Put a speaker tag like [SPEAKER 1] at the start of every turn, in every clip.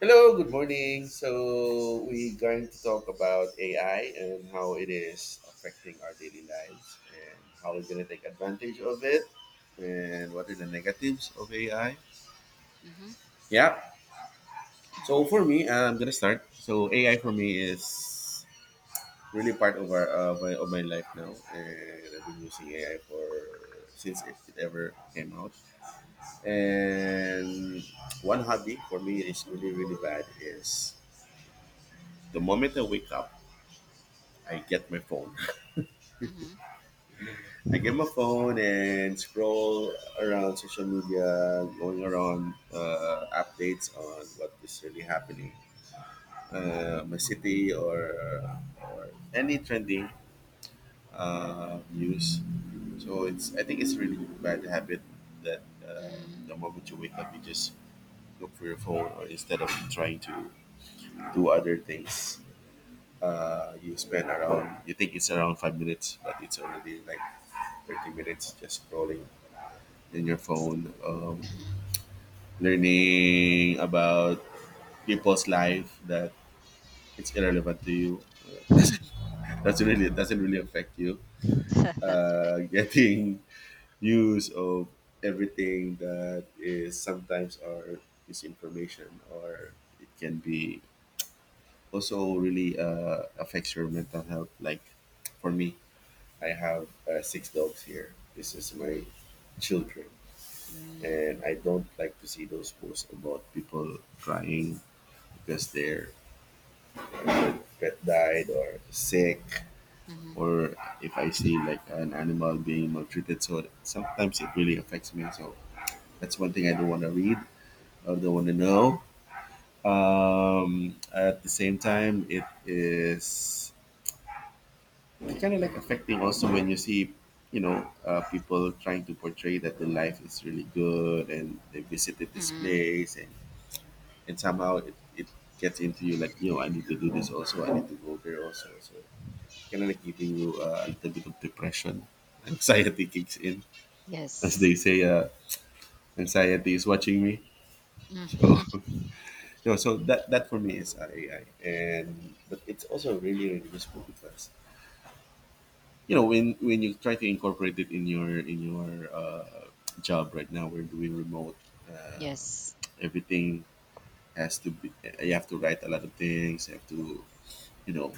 [SPEAKER 1] Hello, good morning. So, we're going to talk about AI and how it is affecting our daily lives and how we're going to take advantage of it and what are the negatives of AI.
[SPEAKER 2] Mhm.
[SPEAKER 1] Yeah. So, for me, I'm going to start. So, AI for
[SPEAKER 2] Sure.
[SPEAKER 1] me is really part of, of my life now. And I've been using AI for since it ever came out.
[SPEAKER 2] Mm.
[SPEAKER 1] And one hobby for me is really, really bad is the moment I wake up I get my phone.
[SPEAKER 2] Mhm.
[SPEAKER 1] I get my phone and scroll around social media, going around updates on what is really happening, my city, or any trending news. So it's I think it's really bad habit that
[SPEAKER 2] Mm.
[SPEAKER 1] the moment you wake up, you just look for your phone, or instead of trying to do other things. You spend around you think it's around 5 minutes, but it's already like 30 minutes just scrolling in your
[SPEAKER 2] Yes.
[SPEAKER 1] phone,
[SPEAKER 2] Mhm.
[SPEAKER 1] learning about people's life that it's irrelevant to you. that's, that's really doesn't really affect you,
[SPEAKER 2] That's
[SPEAKER 1] getting news of everything that is sometimes, or misinformation, or it can be also really affects your mental health. Like for me, I have six dogs here. This is my
[SPEAKER 2] Mm,
[SPEAKER 1] children,
[SPEAKER 2] mm,
[SPEAKER 1] and I don't like to see those posts about people crying because their pet died or sick,
[SPEAKER 2] mhm,
[SPEAKER 1] or if I see like an animal being maltreated. So sometimes it really affects me. So that's one thing I don't want to read. I don't want to know. At the same time, it's kind of like affecting also when you see, you know, people trying to portray that the life is really good and they visited this
[SPEAKER 2] mm.
[SPEAKER 1] place, and somehow it gets into you like, you know, I need to do this also, I need to go there also. So it's kind of like giving you a little bit of depression. Anxiety kicks in. As
[SPEAKER 2] Yes.
[SPEAKER 1] they say, anxiety is watching me. So,
[SPEAKER 2] Mm.
[SPEAKER 1] no, so that for me is but it's also really, really useful because you know when you try to incorporate it in your job. Right now we're doing remote uh,
[SPEAKER 2] Yes.
[SPEAKER 1] everything has to be you have to write a lot of things, you have to you know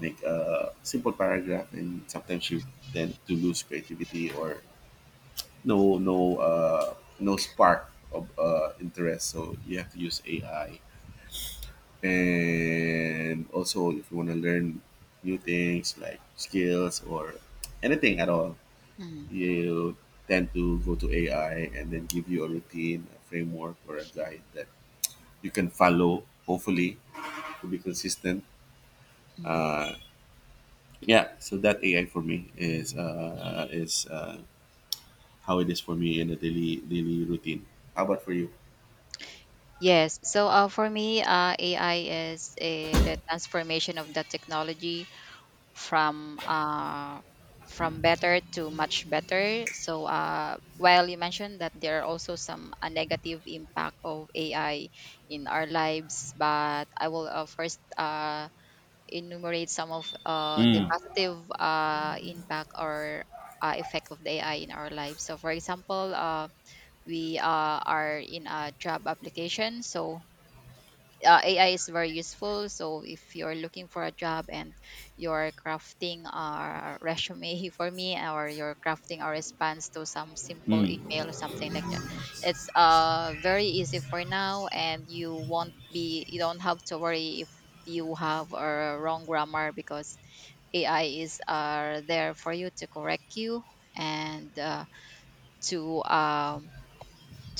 [SPEAKER 1] make a simple paragraph, and sometimes you tend to lose creativity, or no no uh, no spark of interest, so you have to use ai. And also if you want to learn new things like skills or anything at all,
[SPEAKER 2] Mm,
[SPEAKER 1] you tend to go to AI and then give you a routine, a framework, or a guide that you can follow, hopefully, to be consistent.
[SPEAKER 2] mm.
[SPEAKER 1] Yeah, so that AI for me is how it is for me in a daily routine. How about for you?
[SPEAKER 2] Yes. So, for me, AI is the transformation of the technology from uh, from better to much better. So, while you mentioned that there are also some a negative impact of AI in our lives, but I will first enumerate some of the positive impact or effect of the AI in our lives. So, for example, we are in a job application, so AI is very useful. So if you're looking for a job and you're crafting a resume for me, or you're crafting a response to some simple email or something like that, it's very easy for now, and you won't be you don't have to worry if you have a wrong grammar because AI is there for you to correct you, and to um,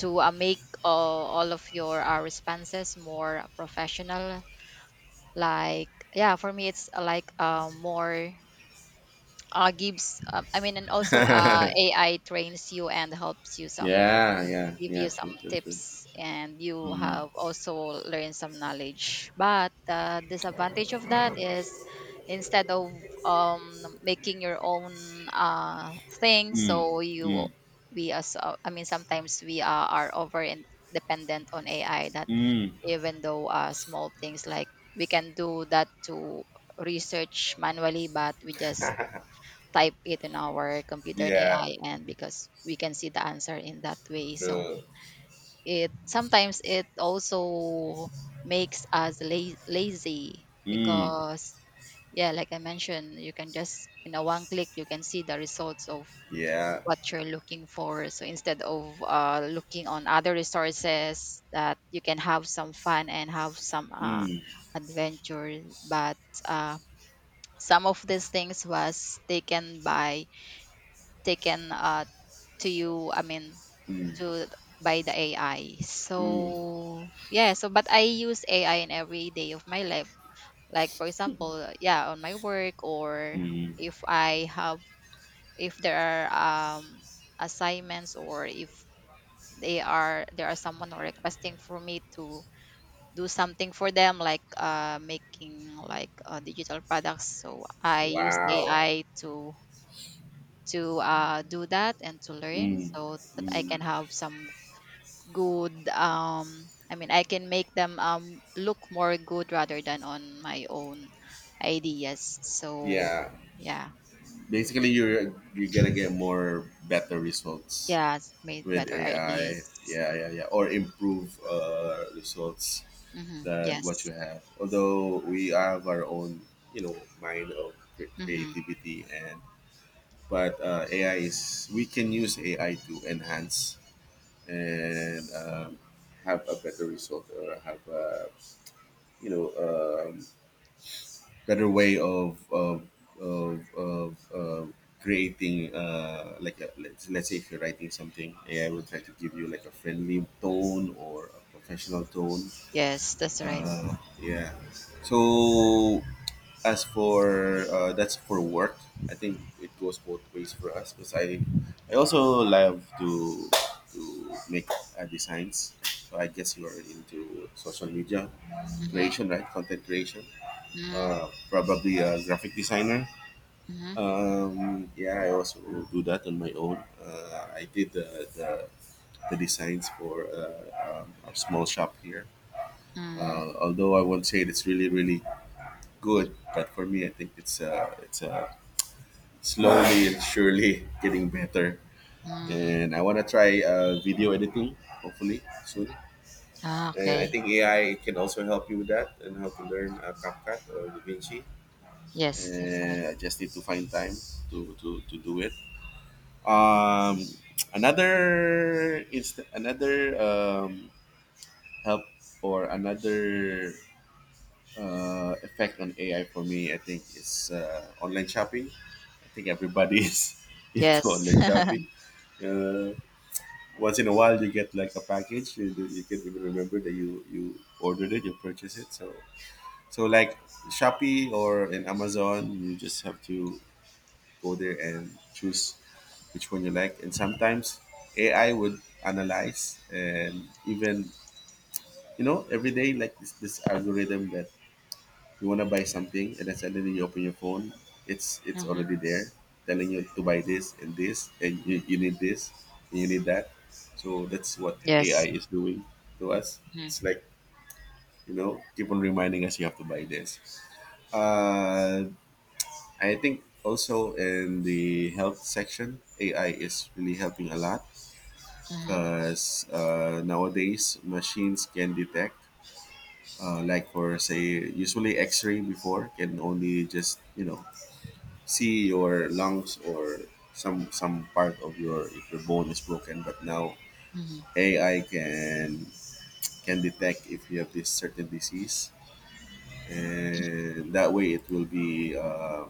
[SPEAKER 2] to make all of your responses more professional. Like, yeah, for me it's like, more, gives, I mean, and also AI trains you and helps you some,
[SPEAKER 1] Yeah, yeah,
[SPEAKER 2] give
[SPEAKER 1] yeah,
[SPEAKER 2] you some
[SPEAKER 1] true, true, true.
[SPEAKER 2] tips, and you
[SPEAKER 1] Mm,
[SPEAKER 2] have also learned some knowledge. But the disadvantage of that is, instead of making your own thing,
[SPEAKER 1] mm,
[SPEAKER 2] so you
[SPEAKER 1] mm,
[SPEAKER 2] we, as, I mean, sometimes we are over and dependent on AI, that
[SPEAKER 1] mm.
[SPEAKER 2] even though small things, like, we can do that to research manually, but we just type it in our computer and
[SPEAKER 1] Yeah,
[SPEAKER 2] AI, and because we can see the answer in that way. So
[SPEAKER 1] true.
[SPEAKER 2] it sometimes it also makes us lazy
[SPEAKER 1] Mm,
[SPEAKER 2] because, yeah, like I mentioned, you can just in a one click you can see the results of
[SPEAKER 1] yeah.
[SPEAKER 2] what you're looking for. So instead of looking on other resources that you can have some fun and have some
[SPEAKER 1] Mm,
[SPEAKER 2] adventure, but uh, some of these things was taken, to you. I mean, to, by the AI.
[SPEAKER 1] mm.
[SPEAKER 2] So, yeah, so but I use AI in every day of my life. Like, for example, yeah, on my work, or if I have if there are um assignments, or if they are there are someone who are requesting for me to do something for them, like making, like, digital products, so I use
[SPEAKER 1] Wow.
[SPEAKER 2] AI to do that and to learn,
[SPEAKER 1] Mm,
[SPEAKER 2] so that I can
[SPEAKER 1] mm.
[SPEAKER 2] have some good, I mean, I can make them, look more good rather than on my own ideas. So
[SPEAKER 1] Yeah.
[SPEAKER 2] yeah,
[SPEAKER 1] Basically you're gonna get more better results
[SPEAKER 2] yeah, made
[SPEAKER 1] with
[SPEAKER 2] better
[SPEAKER 1] AI.
[SPEAKER 2] ideas.
[SPEAKER 1] Yeah, yeah, yeah. Or improve results
[SPEAKER 2] Hmm.
[SPEAKER 1] than what
[SPEAKER 2] Yes.
[SPEAKER 1] you have. Although we have our own, you know, mind of
[SPEAKER 2] Hmm.
[SPEAKER 1] creativity, and but AI is we can use AI to enhance and have a better result, or have a you know better way of of, of uh, creating like a, let's say if you're writing something, ai will try to give you like a friendly tone or a professional tone.
[SPEAKER 2] Yes, that's right.
[SPEAKER 1] uh, yeah. So as for that's for work. I think it goes both ways for us because I also love to make designs. So I guess you are into social media creation, right? Content creation,
[SPEAKER 2] Hmm.
[SPEAKER 1] probably a graphic designer.
[SPEAKER 2] Mhm.
[SPEAKER 1] Yeah, I also do that on my own. I did the designs for our small shop here.
[SPEAKER 2] Mm.
[SPEAKER 1] Although I won't say it's really really good, but for me, I think it's slowly and surely getting better.
[SPEAKER 2] Mm.
[SPEAKER 1] And I want to try video editing hopefully soon.
[SPEAKER 2] Ah,
[SPEAKER 1] And I
[SPEAKER 2] okay.
[SPEAKER 1] think AI can also help you with that and how to learn CapCut or DaVinci.
[SPEAKER 2] Yes, that's right.
[SPEAKER 1] I just need to find time to do it. Um, another inst- another help or another effect on AI for me, I think, is online shopping. I think everybody is into
[SPEAKER 2] Yes.
[SPEAKER 1] online shopping. Uh, Once in a while, you get like a package. You can even remember that you ordered it, you purchased it. So so like Shopee or in Amazon, you just have to go there and choose which one you like. And sometimes AI would analyze and even you know every day like this algorithm that you want to buy something, and then suddenly you open your phone, it's
[SPEAKER 2] Mhm.
[SPEAKER 1] already there telling you to buy this and this, and you need this and you need that. So that's what AI
[SPEAKER 2] Yes.
[SPEAKER 1] is doing to us. It's
[SPEAKER 2] Mhm.
[SPEAKER 1] like you know keep on reminding us you have to buy this. Uh, I think also in the health section, AI is really helping a lot
[SPEAKER 2] Mhm.
[SPEAKER 1] because nowadays machines can detect, like for say, usually X-ray before can only just you know see your lungs or some part of your if your bone is broken, but now
[SPEAKER 2] Mhm.
[SPEAKER 1] AI can detect if you have this certain disease, and that way it will be.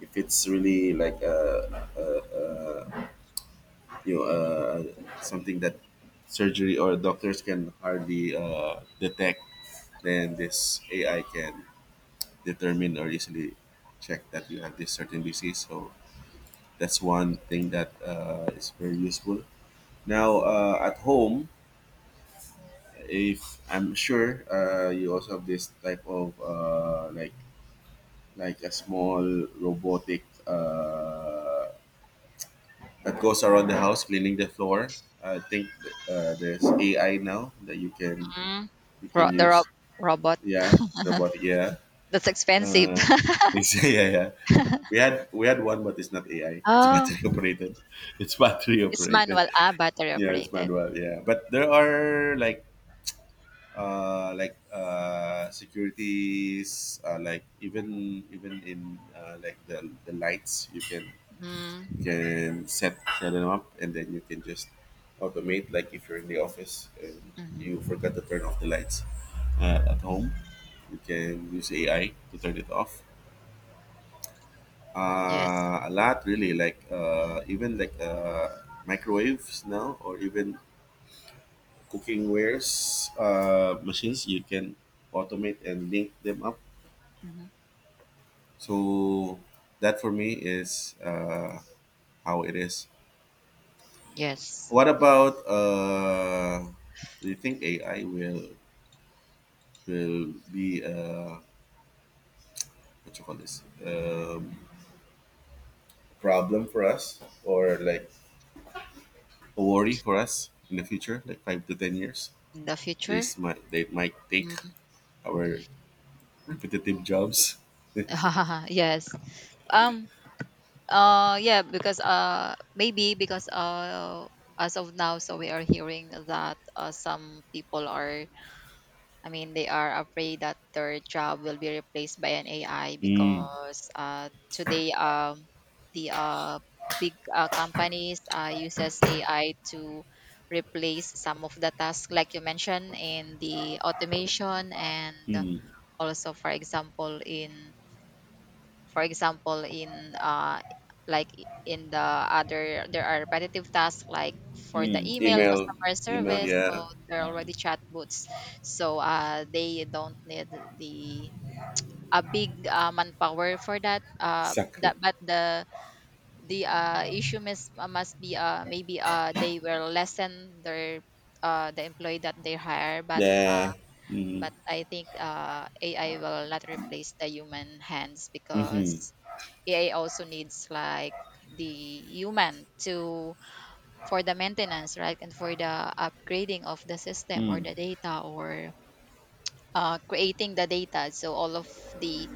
[SPEAKER 1] If it's really like a, you know, something that surgery or doctors can hardly detect, then this AI can determine or easily check that you have this certain disease. So that's one thing that is very useful. Now at home, if I'm sure you also have this type of like a small robotic. That goes around the house cleaning the floor. I think there's AI now that
[SPEAKER 2] Mm.
[SPEAKER 1] you
[SPEAKER 2] Ro
[SPEAKER 1] can
[SPEAKER 2] the rob
[SPEAKER 1] use.
[SPEAKER 2] robot.
[SPEAKER 1] Yeah, robotic. Yeah,
[SPEAKER 2] That's expensive.
[SPEAKER 1] uh, it's, yeah, yeah, yeah. We had one, but it's not AI. It's
[SPEAKER 2] Oh,
[SPEAKER 1] battery operated. It's battery
[SPEAKER 2] it's
[SPEAKER 1] operated.
[SPEAKER 2] manual. Ah, battery
[SPEAKER 1] Yeah, it's
[SPEAKER 2] operated.
[SPEAKER 1] manual. Yeah, but there are like securities, like even in like the lights you can
[SPEAKER 2] Mm.
[SPEAKER 1] set them up, and then you can just automate, like if you're in the office and you forgot
[SPEAKER 2] Mhm.
[SPEAKER 1] to turn off the lights at home, you can use ai to turn it off.
[SPEAKER 2] Yes.
[SPEAKER 1] A lot really, like even like microwaves now, or even cooking wares machines you can automate and link them up.
[SPEAKER 2] Mhm.
[SPEAKER 1] So that for me is how it is.
[SPEAKER 2] Yes.
[SPEAKER 1] What about do you think AI will be what you call this problem for us, or like a worry for us in the future, like 5 to 10 years?
[SPEAKER 2] In the future?
[SPEAKER 1] This might they might take
[SPEAKER 2] Mm.
[SPEAKER 1] our repetitive jobs.
[SPEAKER 2] Yes. Um, yeah, because maybe because, as of now, so we are hearing that some people are I mean, they are afraid that their job will be replaced by an AI
[SPEAKER 1] Mm,
[SPEAKER 2] because today, the big companies uses AI to replace some of the tasks, like you mentioned, in the automation, and
[SPEAKER 1] mm,
[SPEAKER 2] also, for example, in in the other, there are repetitive tasks like for the
[SPEAKER 1] mm.
[SPEAKER 2] email
[SPEAKER 1] Email,
[SPEAKER 2] customer
[SPEAKER 1] email,
[SPEAKER 2] service.
[SPEAKER 1] yeah,
[SPEAKER 2] So they're already chatbots. So, they don't need the a big manpower for that. Uh,
[SPEAKER 1] exactly.
[SPEAKER 2] that but the the uh, issue must, must be, maybe they will lessen their, the employee that they hire, but
[SPEAKER 1] Yeah. Mm,
[SPEAKER 2] but I think AI will not replace the human hands,
[SPEAKER 1] mm-hmm, mm
[SPEAKER 2] because AI also needs, like, the human to, for the maintenance, right? And for the upgrading of the system or
[SPEAKER 1] hmm.
[SPEAKER 2] the data, or creating the data. So all of the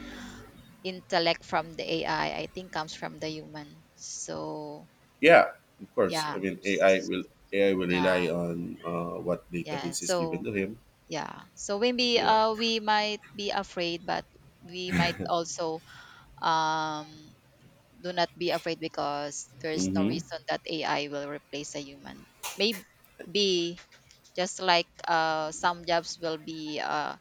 [SPEAKER 2] intellect from the AI, I think, comes from the human. So
[SPEAKER 1] Yeah, of course.
[SPEAKER 2] yeah,
[SPEAKER 1] I mean, AI will AI will
[SPEAKER 2] yeah,
[SPEAKER 1] rely on what
[SPEAKER 2] yeah.
[SPEAKER 1] database is given
[SPEAKER 2] So,
[SPEAKER 1] to him.
[SPEAKER 2] yeah, so maybe
[SPEAKER 1] Yeah.
[SPEAKER 2] we might be afraid, but we might also, um do not be afraid, because there's no
[SPEAKER 1] Mm-hmm.
[SPEAKER 2] reason that AI will replace a human. Maybe, just like, some jobs will be,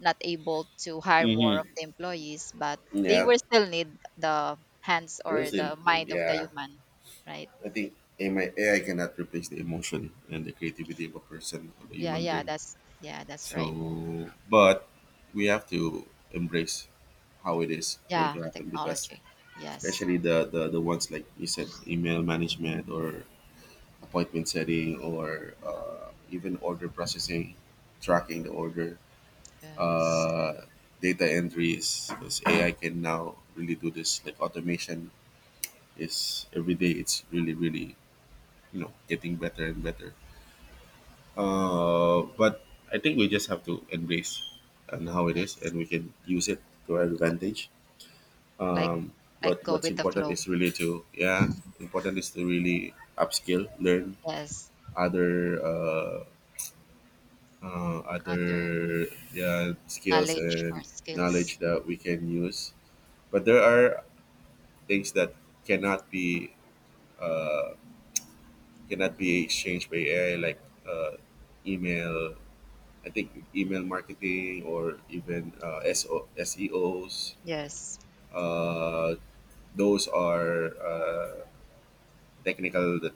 [SPEAKER 2] not able to hire more of
[SPEAKER 1] Mm-hmm.
[SPEAKER 2] the employees, but they
[SPEAKER 1] Yeah.
[SPEAKER 2] will still need the hands or
[SPEAKER 1] Those
[SPEAKER 2] the mind of the
[SPEAKER 1] yeah.
[SPEAKER 2] human, right?
[SPEAKER 1] I think AI cannot replace the emotion and the creativity of a person of a
[SPEAKER 2] Yeah,
[SPEAKER 1] human brain.
[SPEAKER 2] yeah, that's right.
[SPEAKER 1] So, but we have to embrace how it is going
[SPEAKER 2] Yeah,
[SPEAKER 1] to
[SPEAKER 2] the
[SPEAKER 1] happen, because
[SPEAKER 2] technology. Yes,
[SPEAKER 1] especially the ones like you said, email management or appointment setting, or even order processing, tracking the order,
[SPEAKER 2] yes,
[SPEAKER 1] uh, data entries, because AI can now really do this. Like automation is every day, it's really, really, you know, getting better and better. But I think we just have to embrace and how it is,
[SPEAKER 2] yes.
[SPEAKER 1] and we can use it to our
[SPEAKER 2] Go,
[SPEAKER 1] advantage.
[SPEAKER 2] like,
[SPEAKER 1] Um,
[SPEAKER 2] go
[SPEAKER 1] What's
[SPEAKER 2] with the
[SPEAKER 1] important
[SPEAKER 2] flow.
[SPEAKER 1] is really to yeah, important is to really upskill, learn
[SPEAKER 2] Yes,
[SPEAKER 1] other uh,
[SPEAKER 2] other
[SPEAKER 1] other yeah, skills
[SPEAKER 2] knowledge or
[SPEAKER 1] and
[SPEAKER 2] skills.
[SPEAKER 1] knowledge that we can use. But there are things that cannot be uh, exchanged by AI, like uh, email. I think email marketing, or even SEO's.
[SPEAKER 2] Yes.
[SPEAKER 1] Uh, those are technical that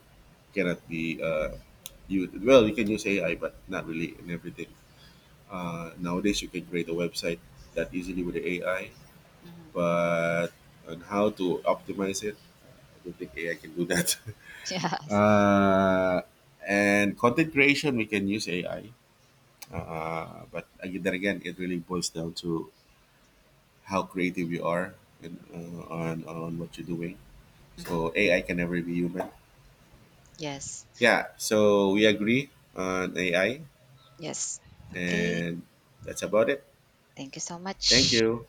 [SPEAKER 1] cannot be you well you can use AI but not really in everything. Nowadays you can create a website that easily with the AI,
[SPEAKER 2] Mhm.
[SPEAKER 1] but on how to optimize it, I don't think AI can do that.
[SPEAKER 2] Yes.
[SPEAKER 1] uh, and content creation, we can use AI, but again, then again, it really boils down to how creative you are and on what you're doing. So
[SPEAKER 2] Hmm.
[SPEAKER 1] AI can never be human.
[SPEAKER 2] Yes.
[SPEAKER 1] Yeah. So we agree on AI,
[SPEAKER 2] Yes. Okay.
[SPEAKER 1] and that's about it.
[SPEAKER 2] Thank you so
[SPEAKER 1] Thank
[SPEAKER 2] much.
[SPEAKER 1] you.